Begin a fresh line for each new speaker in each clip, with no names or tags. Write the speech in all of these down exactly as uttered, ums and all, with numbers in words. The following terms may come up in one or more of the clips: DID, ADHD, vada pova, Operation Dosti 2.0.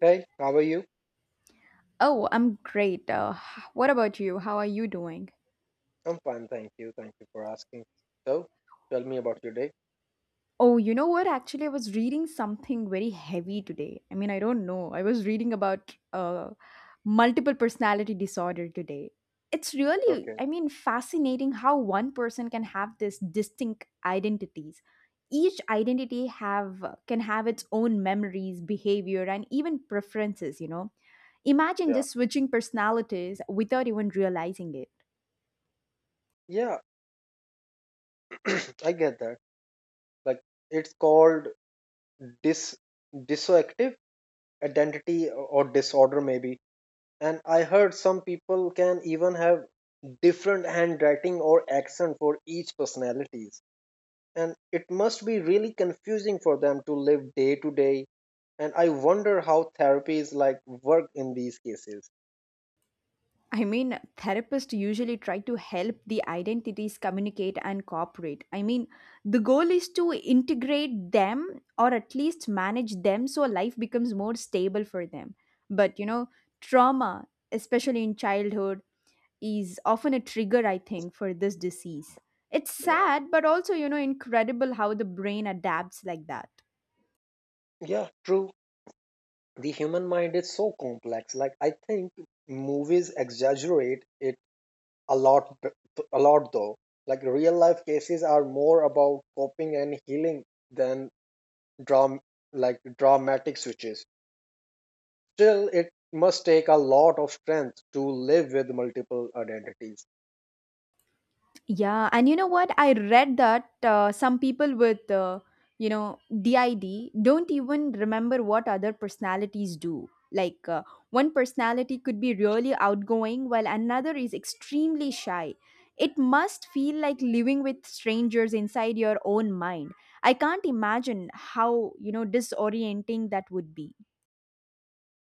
Hey, how are you?
Oh, I'm great. Uh, h- what about you? How are you doing?
I'm fine, thank you. Thank you for asking. So, tell me about your day.
Oh, you know what? Actually, I was reading something very heavy today. I mean, I don't know. I was reading about uh, multiple personality disorder today. It's really,
Okay,
I mean, fascinating how one person can have this distinct identities. Each identity have can have its own memories, behavior, and even preferences. You know, imagine
yeah.
just switching personalities without even realizing it.
Yeah, I get that. Like, it's called dis dissociative identity or disorder, maybe. And I heard some people can even have different handwriting or accent for each personalities. And it must be really confusing for them to live day to day. And I wonder how therapies like work in these cases.
I mean, therapists usually try to help the identities communicate and cooperate. I mean, the goal is to integrate them or at least manage them so life becomes more stable for them. But, you know, trauma, especially in childhood, is often a trigger, I think, for this disease. It's
Yeah.
sad, but also, you know, incredible how the brain adapts like that.
Yeah, true. The human mind is so complex, like, I think movies exaggerate it a lot b- a lot, though. Like, real life cases are more about coping and healing than dram- like dramatic switches. Still, it must take a lot of strength to live with multiple identities.
Yeah, and you know what? I read that uh, some people with, uh, you know, D I D don't even remember what other personalities do. Like uh, one personality could be really outgoing, while another is extremely shy. It must feel like living with strangers inside your own mind. I can't imagine how, you know, disorienting that would be.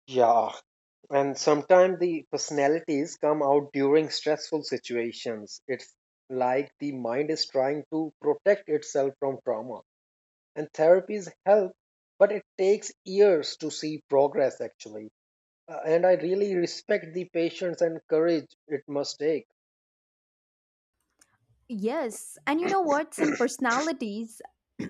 Yeah, and sometimes the personalities come out during stressful situations. It's like the mind is trying to protect itself from trauma, and therapies help, but it takes years to see progress actually. Uh, and I really respect the patience and courage it must take.
Yes, and you know what? Some personalities,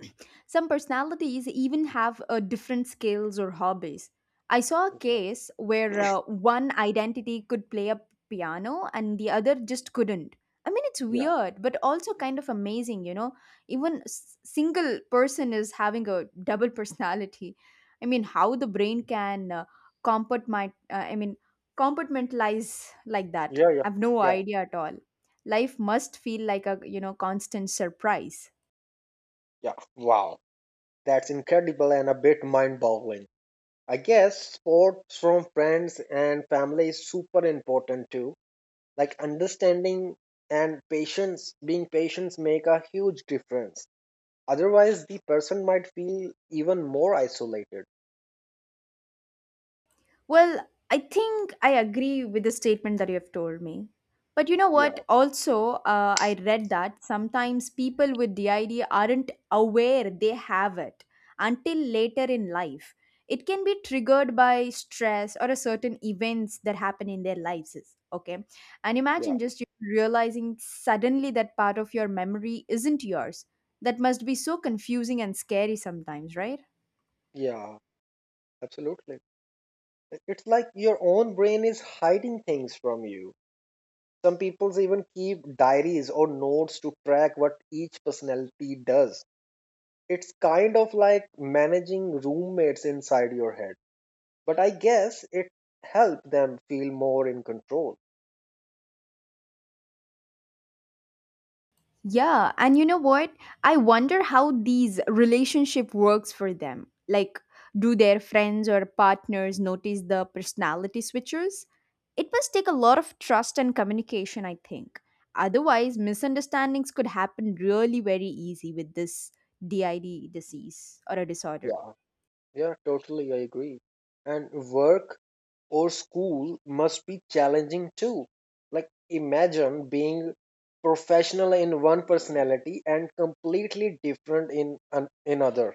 some personalities even have uh, different skills or hobbies. I saw a case where uh, one identity could play a piano and the other just couldn't. I mean, it's
yeah
weird, but also kind of amazing, you know? Even s- single person is having a double personality. I mean, how the brain can uh, compartment, uh, I mean, compartmentalize like that.
yeah yeah
I've no
yeah
idea at all. Life must feel like a, you know, constant surprise.
yeah. Wow, that's incredible and a bit mind boggling. I guess support from friends and family is super important too, like understanding and patience, being patients, make a huge difference. Otherwise the person might feel even more isolated.
Well, I think I agree with the statement that you have told me, but you know what?
yeah
Also, uh, I read that sometimes people with DID aren't aware they have it until later in life. It can be triggered by stress or a certain events that happen in their lives is- Okay. And
yeah
imagine just you realizing suddenly that part of your memory isn't yours. That must be so confusing and scary sometimes, right?
yeah, absolutely. It's like your own brain is hiding things from you. Some people even keep diaries or notes to track what each personality does. It's kind of like managing roommates inside your head, but I guess it helps them feel more in control.
Yeah, and you know what? I wonder how these relationship works for them. Like, do their friends or partners notice the personality switchers? It must take a lot of trust and communication, I think. Otherwise, misunderstandings could happen really very easy with this D I D disease or a disorder.
Yeah, yeah, totally, I agree. And work or school must be challenging too. Like, imagine being professional in one personality and completely different in an- in other.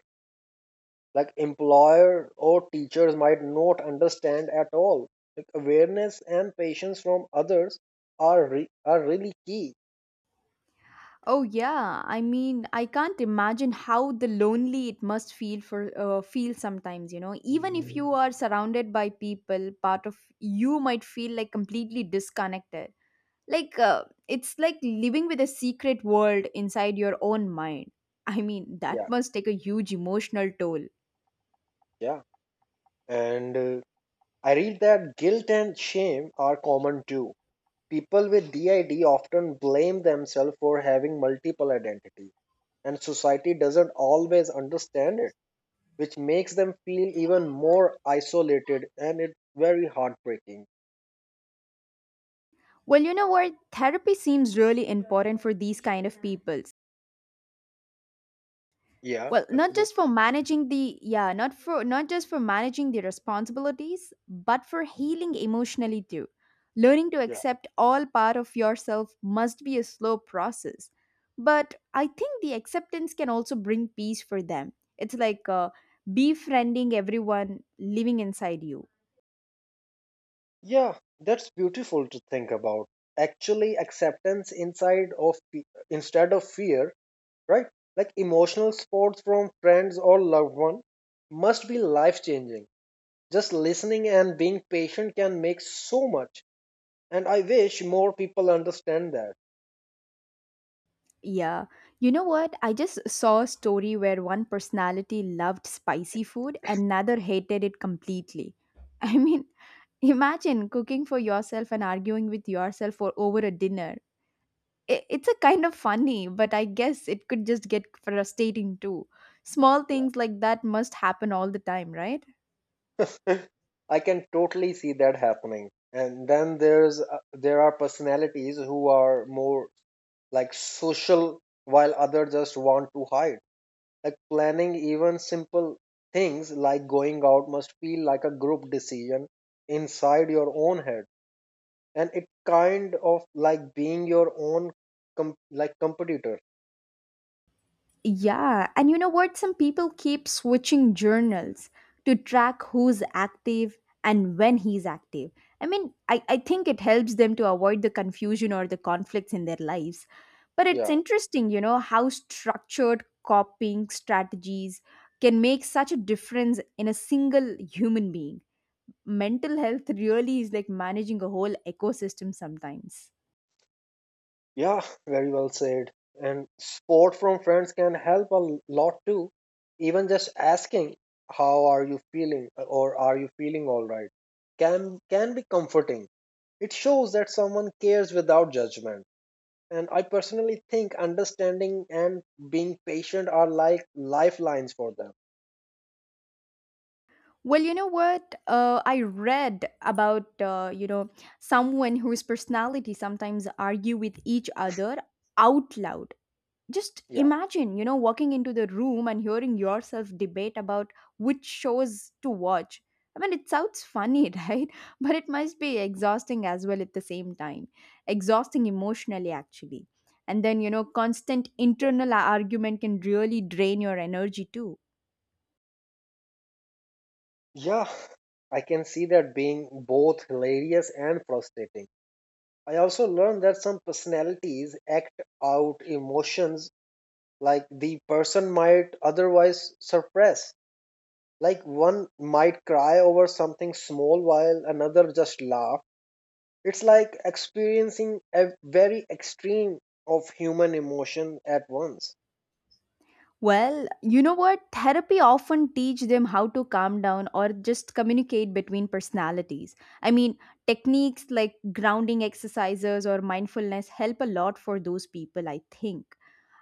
Like, employer or teachers might not understand at all. Like, awareness and patience from others are re- are really key.
Oh yeah, I mean, I can't imagine how the lonely it must feel for uh, feel sometimes, you know. Even if you are surrounded by people, part of you might feel like completely disconnected. Like uh, it's like living with a secret world inside your own mind. I mean, that
Yeah,
must take a huge emotional toll.
yeah. And uh, I read that guilt and shame are common too. People with D I D often blame themselves for having multiple identities, and society doesn't always understand it, which makes them feel even more isolated, and it's very heartbreaking.
Well, you know what? Therapy seems really important for these kind of people.
Yeah,
Well, not
absolutely.
just for managing the, yeah, not for not just for managing the responsibilities, but for healing emotionally too. Learning to
Yeah.
accept all part of yourself must be a slow process, but I think the acceptance can also bring peace for them. It's like, uh, befriending everyone living inside you.
Yeah, that's beautiful to think about. Actually, acceptance inside of fe- instead of fear, right? Like emotional support from friends or loved one must be life changing. Just listening and being patient can make so much. And I wish more people understand that.
Yeah. You know what? I just saw a story where one personality loved spicy food, another hated it completely. I mean, imagine cooking for yourself and arguing with yourself for over a dinner. I- It's a kind of funny, but I guess it could just get frustrating too. Small
Yeah.
things like that must happen all the time, right?
I can totally see that happening. And then there's uh, there are personalities who are more like social while others just want to hide. Like planning even simple things like going out must feel like a group decision inside your own head. And it kind of like being your own com- like competitor.
Yeah, and you know what? Some people keep switching journals to track who's active and when he's active. I mean, I, I think it helps them to avoid the confusion or the conflicts in their lives. But it's
Yeah.
interesting, you know, how structured coping strategies can make such a difference in a single human being. Mental health really is like managing a whole ecosystem sometimes.
Yeah, very well said. And support from friends can help a lot too. Even just asking, "How are you feeling?" or "Are you feeling all right?" can can be comforting. It shows that someone cares without judgment. And I personally think understanding and being patient are like lifelines for them.
Well, you know what? Uh, I read about, uh, you know someone whose personality sometimes argue with each other out loud. Just
Yeah,
imagine, you know, walking into the room and hearing yourself debate about which shows to watch. I mean, it sounds funny, right? But it must be exhausting as well at the same time. Exhausting emotionally, actually. And then, you know, constant
yeah,
internal argument can really drain your energy too.
yeah. I can see that being both hilarious and frustrating. I also learned that some personalities act out emotions like the person might otherwise suppress. Like one might cry over something small while another just laugh. It's like experiencing a very extreme of human emotion at once.
Well, you know what? Therapy often teach them how to calm down or just communicate between personalities. I mean, techniques like grounding exercises or mindfulness help a lot for those people, I think.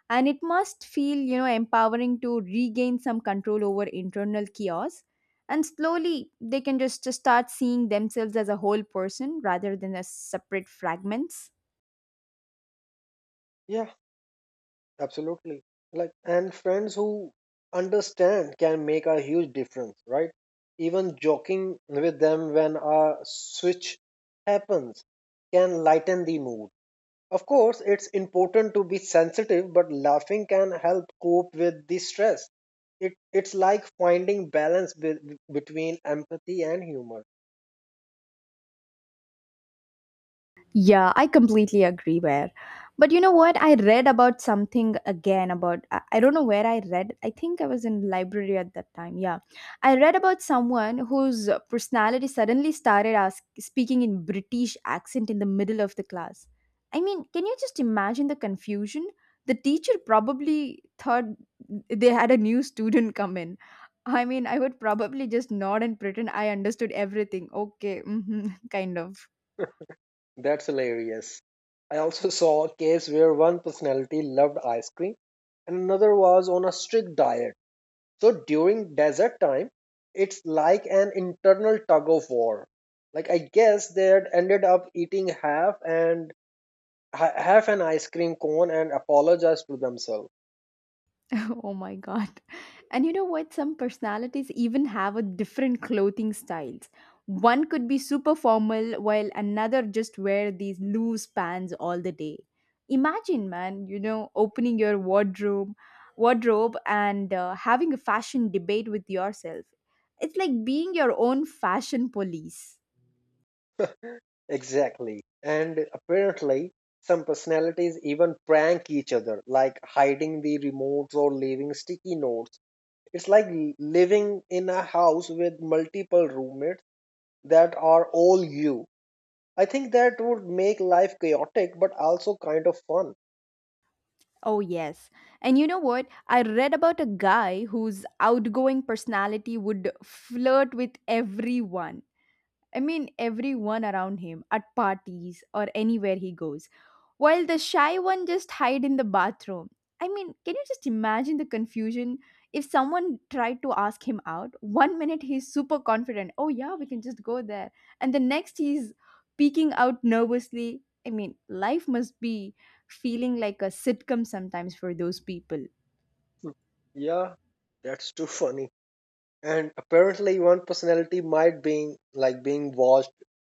And it must feel, you know, empowering to regain some control over internal chaos. And slowly they can just, just start seeing themselves as a whole person rather than as separate fragments.
Yeah, absolutely. Like, and friends who understand can make a huge difference, right? Even joking with them when a switch happens can lighten the mood. Of course, it's important to be sensitive, but laughing can help cope with the stress. It, it's like finding balance be- between empathy and humor.
Yeah, I completely agree where. But you know what? I read about something again about I I don't know where I read. I think I was in library at that time. Yeah. I read about someone whose personality suddenly started ask, speaking in British accent in the middle of the class. I mean, can you just imagine the confusion? The teacher probably thought they had a new student come in. I mean, I would probably just nod and pretend I understood everything. Okay. Hmm, kind of.
That's hilarious. I also saw a case where one personality loved ice cream and another was on a strict diet. So during desert time, it's like an internal tug of war. Like, I guess they had ended up eating half and ha- half an ice cream cone and apologized to themselves.
Oh my God. And you know what? Some personalities even have a different clothing styles. One could be super formal while another just wear these loose pants all the day. Imagine, man, you know, opening your wardrobe, wardrobe and uh, having a fashion debate with yourself. It's like being your own fashion police.
Exactly. And apparently, some personalities even prank each other, like hiding the remotes or leaving sticky notes. It's like l- living in a house with multiple roommates that are all you. I think that would make life chaotic, but also kind of fun.
Oh, yes. And you know what? I read about a guy whose outgoing personality would flirt with everyone. I mean, everyone around him at parties or anywhere he goes, while the shy one just hide in the bathroom. I mean, can you just imagine the confusion if someone tried to ask him out? One minute he's super confident, oh yeah, we can just go there, and the next he's peeking out nervously. I mean, life must be feeling like a sitcom sometimes for those people.
Hmm. Yeah, that's too funny. And apparently, one personality might being like being watched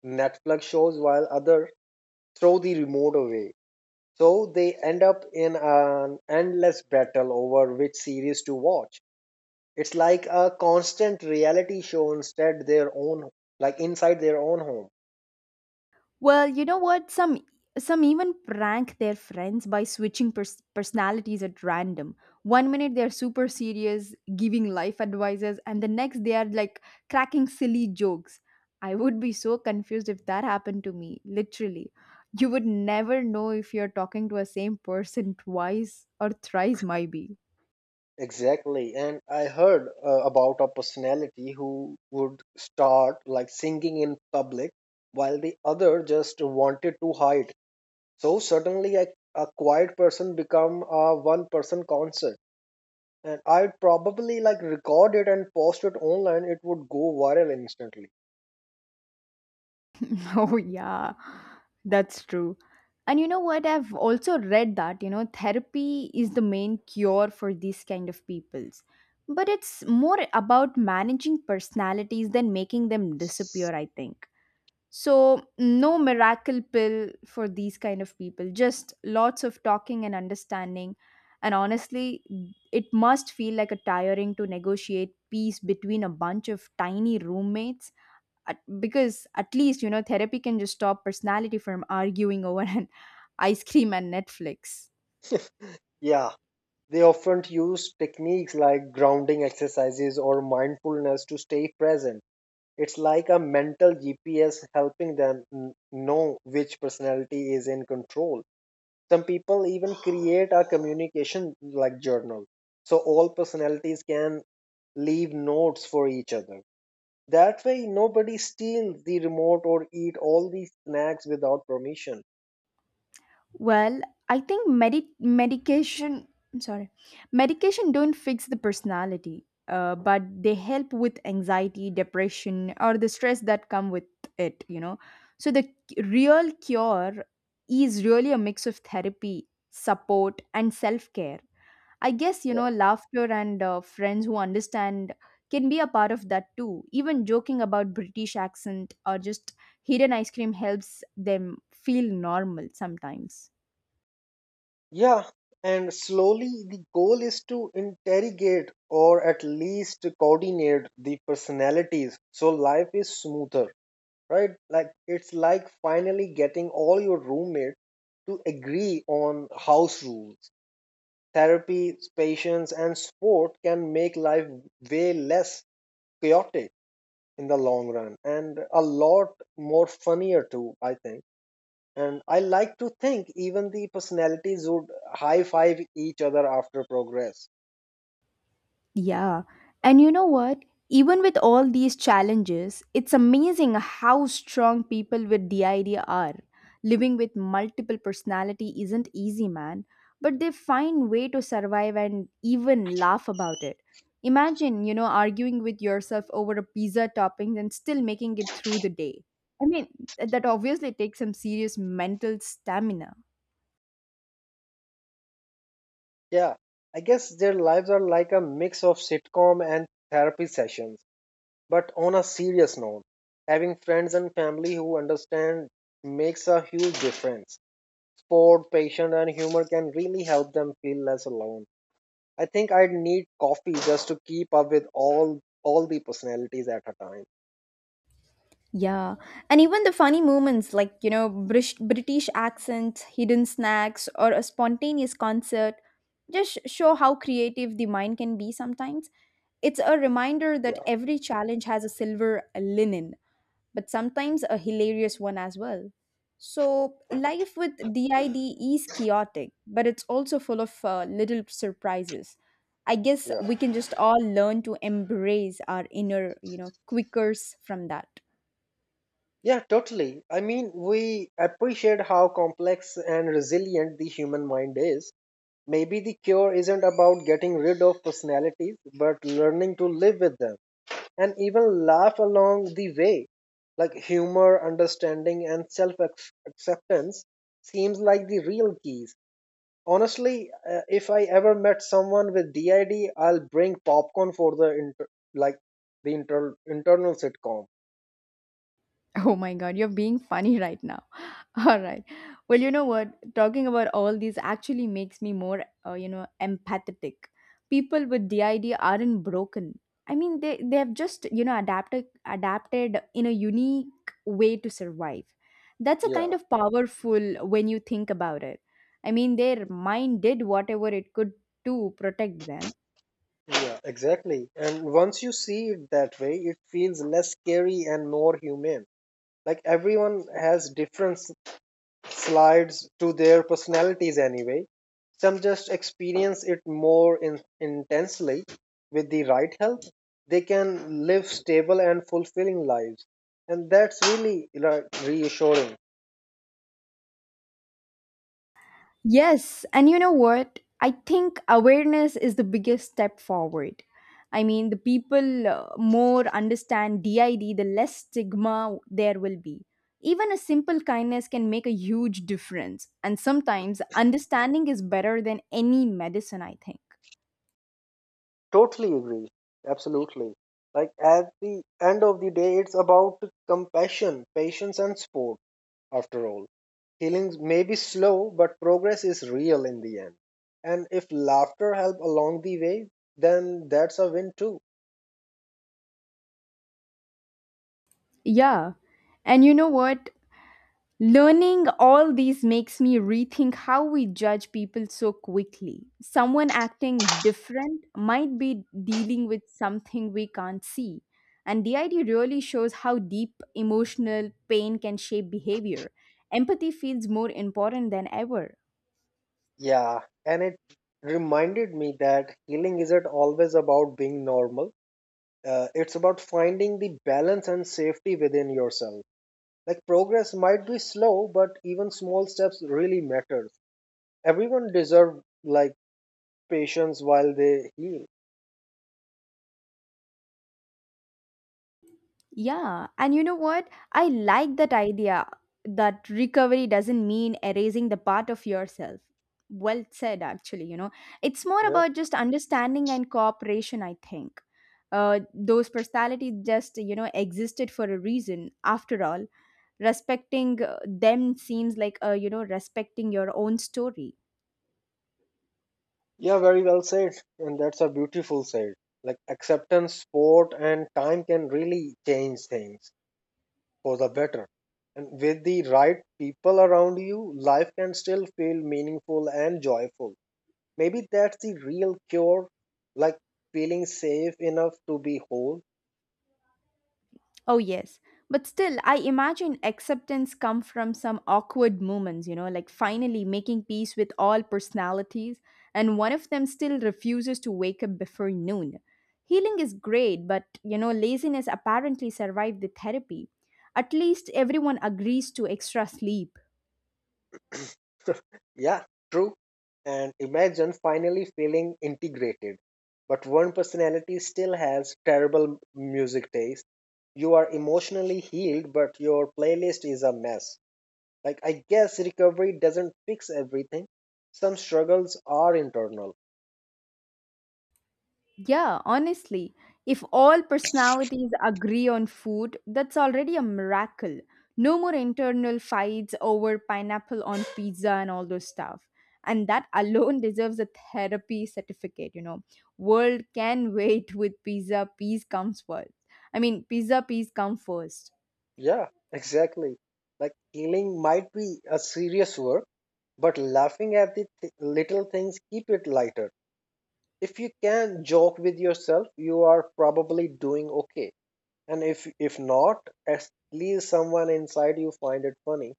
Netflix shows while other throw the remote away. So they end up in an endless battle over which series to watch. It's like a constant reality show instead their own, like inside their own home.
Well, you know what? Some some even prank their friends by switching pers- personalities at random. One minute they're super serious, giving life advices, and the next they are like cracking silly jokes. I would be so confused if that happened to me, literally. You would never know if you're talking to a same person twice or thrice, maybe.
Exactly. And I heard uh, about a personality who would start like singing in public while the other just wanted to hide. So suddenly, a, a quiet person become a one person concert, and I'd probably like record it and post it online. It would go viral instantly.
Oh, yeah, that's true. And you know what? I've also read that, you know, therapy is the main cure for these kind of peoples. But it's more about managing personalities than making them disappear, I think. So, no miracle pill for these kind of people, just lots of talking and understanding. And honestly, it must feel like a tiring to negotiate peace between a bunch of tiny roommates at, because at least you know therapy can just stop personality from arguing over an ice cream and Netflix.
Yeah, they often use techniques like grounding exercises or mindfulness to stay present. It's like a mental G P S helping them n- know which personality is in control. Some people even create a communication like journal so all personalities can leave notes for each other. That way, nobody steals the remote or eat all the snacks without permission.
Well, I think medi- medication, I'm sorry, medication don't fix the personality, uh, but they help with anxiety, depression, or the stress that come with it, you know. So the c- real cure is really a mix of therapy, support, and self-care, I guess. You
Yeah.
know, laughter and uh, friends who understand can be a part of that too. Even joking about British accent or just hidden ice cream helps them feel normal sometimes.
Yeah, and slowly the goal is to interrogate or at least to coordinate the personalities so life is smoother, right? Like, it's like finally getting all your roommates to agree on house rules. Therapy, patience, and sport can make life way less chaotic in the long run, and a lot more funnier too, I think. And I like to think even the personalities would high five each other after progress.
Yeah. And you know what? Even with all these challenges, it's amazing how strong people with D I D are. Living with multiple personality isn't easy, man, but they find way to survive and even laugh about it. Imagine, you know, arguing with yourself over a pizza topping and still making it through the day. I mean, that obviously takes some serious mental stamina.
Yeah, I guess their lives are like a mix of sitcom and therapy sessions, but on a serious note, having friends and family who understand makes a huge difference. Sport, patience, and humor can really help them feel less alone. I think I'd need coffee just to keep up with all all the personalities at a time. Yeah.
Yeah, and even the funny moments like, you know, British, British accents, hidden snacks, or a spontaneous concert just show how creative the mind can be sometimes. It's a reminder that every challenge has a silver linen, but sometimes a hilarious one as well. So, life with D I D is chaotic, but it's also full of uh, little surprises. I guess
Yeah.
we can just all learn to embrace our inner, you know, quickers from that.
Yeah, totally. I mean, we appreciate how complex and resilient the human mind is. Maybe the cure isn't about getting rid of personalities, but learning to live with them and even laugh along the way. Like humor, understanding, and self acceptance seems like the real keys. Honestly, uh, if I ever met someone with D I D, I'll bring popcorn for the inter- like the inter- internal sitcom.
Oh my God, you're being funny right now. All right. Well, you know what? Talking about all these actually makes me more, uh, you know, empathetic. People with D I D aren't broken. I mean, they they have just, you know, adapted adapted in a unique way to survive. That's a kind
Yeah.
of powerful when you think about it. I mean, their mind did whatever it could to protect them.
Yeah, exactly. And once you see it that way, it feels less scary and more human. Like everyone has different s- slides to their personalities anyway. Some just experience it more in- intensely. With the right help, they can live stable and fulfilling lives. And that's really like, reassuring.
Yes, and you know what? I think awareness is the biggest step forward. I mean, the people uh, more understand D I D, the less stigma there will be. Even a simple kindness can make a huge difference, and sometimes understanding is better than any medicine, I think.
Totally agree. Absolutely. Like at the end of the day, it's about compassion, patience, and sport, after all. Healing may be slow, but progress is real in the end. And if laughter helped along the way, then that's a win too.
Yeah. And you know what? Learning all these makes me rethink how we judge people so quickly. Someone acting different might be dealing with something we can't see. And the idea really shows how deep emotional pain can shape behavior. Empathy feels more important than ever.
Yeah, and it reminded me that healing isn't always about being normal. Uh, it's about finding the balance and safety within yourself. Like progress might be slow, but even small steps really matter. Everyone deserves like patience while they heal.
Yeah, and you know what? I like that idea that recovery doesn't mean erasing the part of yourself. Well said, actually, you know. It's more
Yeah.
about just understanding and cooperation, I think. Uh, those personalities just, you know, existed for a reason. After all, respecting uh, them seems like, uh, you know, respecting your own story.
Yeah, very well said. And that's a beautiful said. Like acceptance, sport, and time can really change things for the better. And with the right people around you, life can still feel meaningful and joyful. Maybe that's the real cure, like feeling safe enough to be whole.
Oh, yes. But still, I imagine acceptance come from some awkward moments, you know, like finally making peace with all personalities, and one of them still refuses to wake up before noon. Healing is great, but, you know, laziness apparently survived the therapy. At least everyone agrees to extra sleep.
Yeah, true. And imagine finally feeling integrated. But one personality still has terrible music taste. You are emotionally healed, but your playlist is a mess. Like, I guess recovery doesn't fix everything. Some struggles are internal.
Yeah, honestly, if all personalities agree on food, that's already a miracle. No more internal fights over pineapple on pizza and all those stuff. And that alone deserves a therapy certificate, you know. World can wait with pizza, peace comes first. I mean, pizza, peace come first.
Yeah, exactly. Like, healing might be a serious work, but laughing at the th- little things keep it lighter. If you can joke with yourself, you are probably doing okay. And if if not, at least someone inside you find it funny.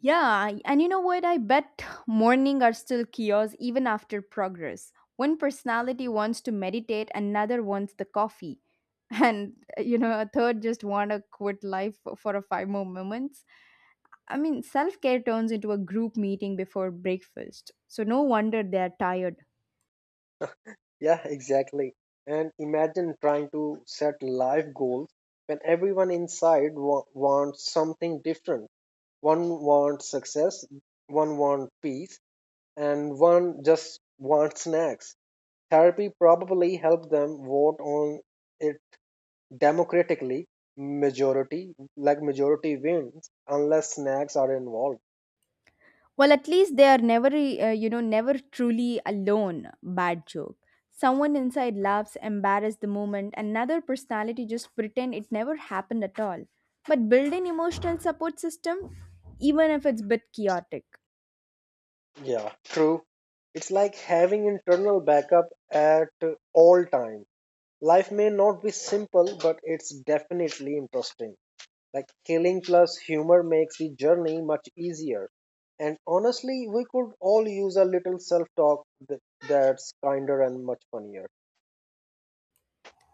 Yeah, and you know what? I bet morning are still chaos even after progress. One personality wants to meditate, another wants the coffee, and uh, you know, a third just want to quit life for, for a five more moments. I mean, self care turns into a group meeting before breakfast, so no wonder they are tired.
Yeah, exactly. And imagine trying to set life goals when everyone inside wa- wants something different. One wants success, one wants peace, and one just wants snacks. Therapy probably helped them vote on it democratically. Majority, like majority wins, unless snacks are involved.
Well, at least they are never, uh, you know, never truly alone. Bad joke. Someone inside laughs, embarrassed the moment. Another personality just pretend it never happened at all. But build an emotional support system, even if it's a bit chaotic.
Yeah, true. It's like having internal backup at all times. Life may not be simple, but it's definitely interesting. Like killing plus humor makes the journey much easier. And honestly, we could all use a little self talk that's kinder and much funnier.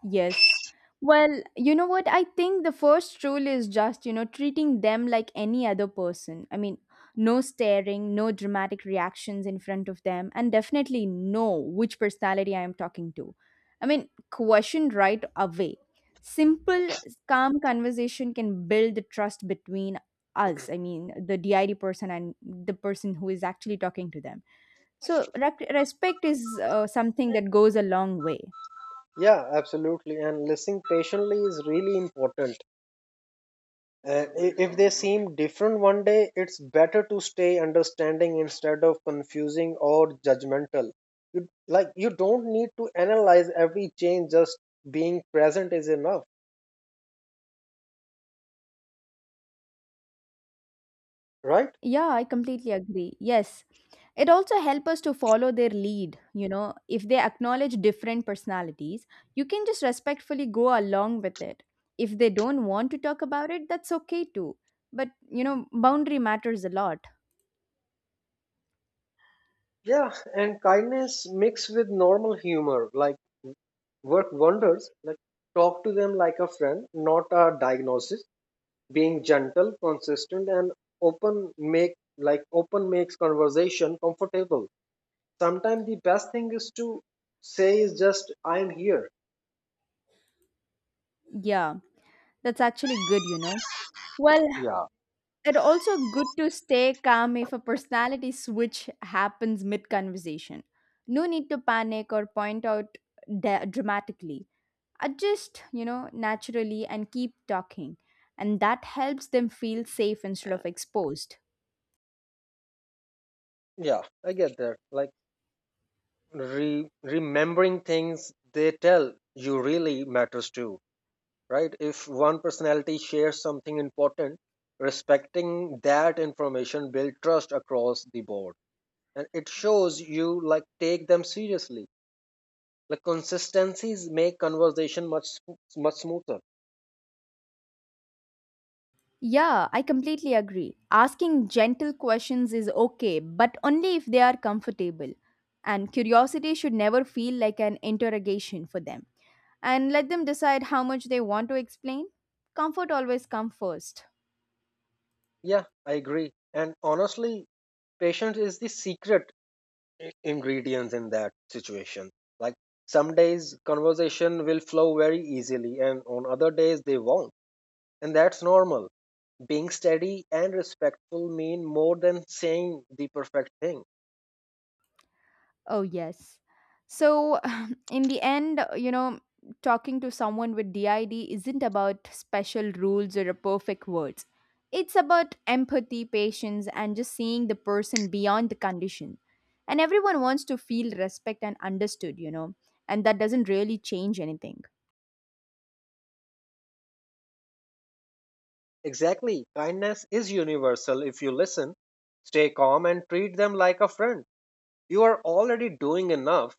Yes. Well, you know what? I think the first rule is just, you know, treating them like any other person. I mean, no staring, no dramatic reactions in front of them, and definitely know which personality I am talking to. I mean, question right away. Simple, calm conversation can build the trust between us. I mean, the D I D person and the person who is actually talking to them. So, rec- respect is uh, something that goes a long way.
Yeah, absolutely. And listening patiently is really important. And i- if they seem different one day, it's better to stay understanding instead of confusing or judgmental. You, like, you don't need to analyze every change, just being present is enough, right?
Yeah, I completely agree. Yes. It also helps us to follow their lead. You know, if they acknowledge different personalities, you can just respectfully go along with it. If they don't want to talk about it, that's okay too. But, you know, boundary matters a lot.
Yeah, and kindness mixed with normal humor, like, work wonders. Like talk to them like a friend, not a diagnosis. Being gentle, consistent, and open make like open makes conversation comfortable. Sometimes the best thing is to say is just I am here.
Yeah, that's actually good, you know. Well,
Yeah,
it also good to stay calm if a personality switch happens mid conversation. No need to panic or point out da- dramatically adjust, you know, naturally and keep talking, and that helps them feel safe instead of exposed.
yeah, I get that. Like re- remembering things they tell you really matters too, right? If one personality shares something important, respecting that information build trust across the board. And it shows you like take them seriously. Like consistencies make conversation much sm- much smoother.
Yeah, I completely agree. Asking gentle questions is okay, but only if they are comfortable, and curiosity should never feel like an interrogation for them. And let them decide how much they want to explain. Comfort always comes first.
Yeah, I agree. And honestly, patience is the secret i- ingredient in that situation. Like some days conversation will flow very easily and on other days they won't. And that's normal. Being steady and respectful mean more than saying the perfect thing.
Oh, yes. So, in the end, you know, talking to someone with D I D isn't about special rules or perfect words. It's about empathy, patience, and just seeing the person beyond the condition. And everyone wants to feel respect and understood, you know, and that doesn't really change anything.
Exactly. Kindness is universal if you listen, stay calm, and treat them like a friend. You are already doing enough,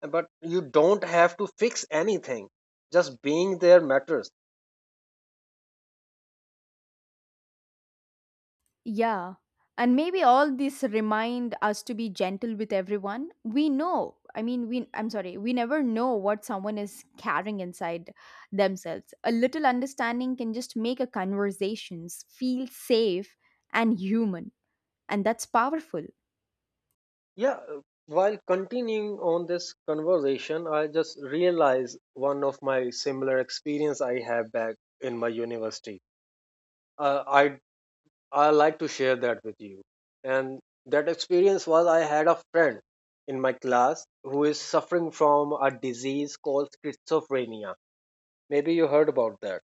but you don't have to fix anything. Just being there matters.
Yeah. And maybe all this remind us to be gentle with everyone. We know, I mean, we, I'm sorry, we never know what someone is carrying inside themselves. A little understanding can just make a conversations feel safe and human. And that's powerful.
Yeah, while continuing on this conversation, I just realized one of my similar experience I have back in my university. Uh, I I like to share that with you. And that experience was I had a friend in my class who is suffering from a disease called schizophrenia. Maybe you heard about that.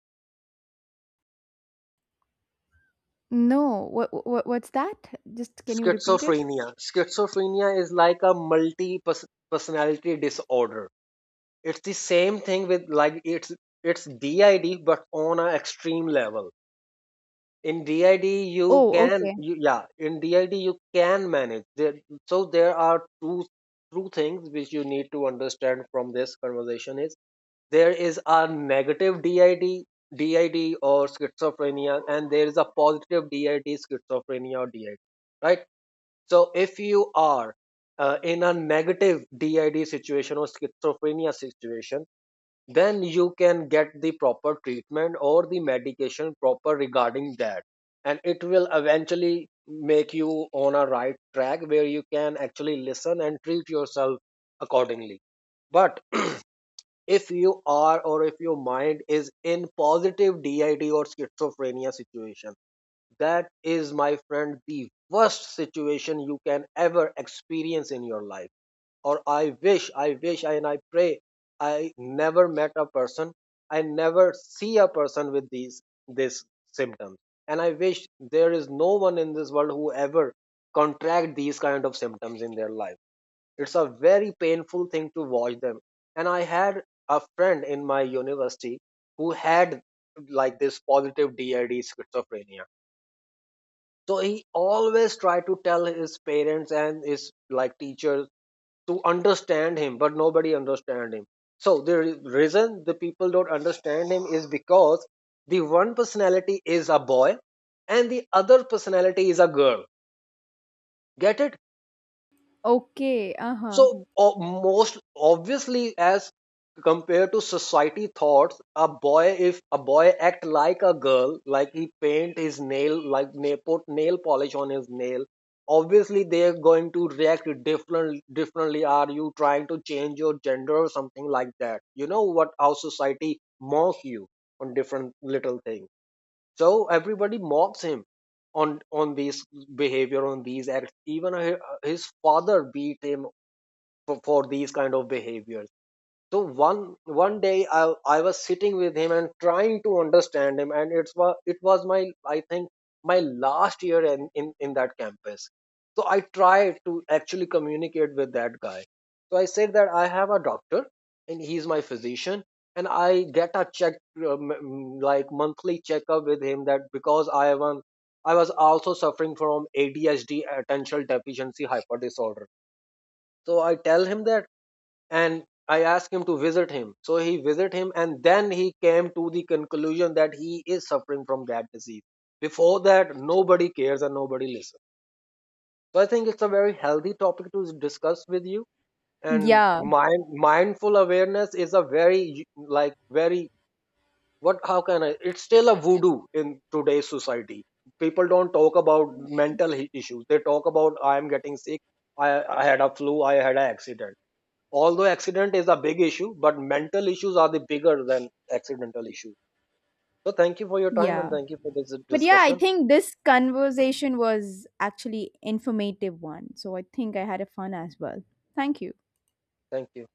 No, what, what, what's that? Just, can you repeat it?
Schizophrenia. Schizophrenia is like a multi personality disorder. It's the same thing with like it's it's D I D but on an extreme level. In did you
Oh,
can
okay.
you, Yeah, in DID you can manage there. So there are two two things which you need to understand from this conversation is there is a negative did did or schizophrenia, and there is a positive DID schizophrenia or DID, right? So if you are uh, in a negative DID situation or schizophrenia situation, then you can get the proper treatment or the medication proper regarding that, and it will eventually make you on a right track where you can actually listen and treat yourself accordingly. But if you are, or if your mind is in positive DID or schizophrenia situation, that is my friend the worst situation you can ever experience in your life, or I wish, I wish, and I pray I never met a person, I never see a person with these this symptoms. And I wish there is no one in this world who ever contract these kind of symptoms in their life. It's a very painful thing to watch them. And I had a friend in my university who had like this positive D I D schizophrenia. So he always tried to tell his parents and his like teachers to understand him, but nobody understand him. So the re- reason the people don't understand him is because the one personality is a boy and the other personality is a girl, get it?
Okay. Uh-huh.
So o- most obviously, as compared to society thoughts, a boy if a boy act like a girl, like he paint his nail, like nail, put nail polish on his nail. Obviously, they are going to react different differently. Are you trying to change your gender or something like that? You know what? How society mock you on different little things. So everybody mocks him on on these behavior on these acts, even hi- his father beat him for, for these kind of behaviors. So one one day I, I was sitting with him and trying to understand him, and it's was it was my, I think, my last year in, in in that campus. So I tried to actually communicate with that guy. So I said that I have a doctor and he's my physician, and I get a check um, mm, like monthly checkup with him, that because i have i was also suffering from A D H D attentional deficiency hyper disorder. So I tell him that, and I asked him to visit him, so he visit him, and then he came to the conclusion that he is suffering from that disease. Before that, nobody cares and nobody listens. So I think it's a very healthy topic to discuss with you. And
Yeah.
mind mindful awareness is a very. Like very what how can I It's still a voodoo in today's society. People don't talk about mental he- issues. They talk about I am getting sick, i i had a flu, I had an accident. Although accident is a big issue, but mental issues are the bigger than accidental issues. So thank you for your time and
Yeah.
thank you for this
But yeah, I
discussion.
think this conversation was actually informative one. So I think I had a fun as well. Thank you.
Thank you.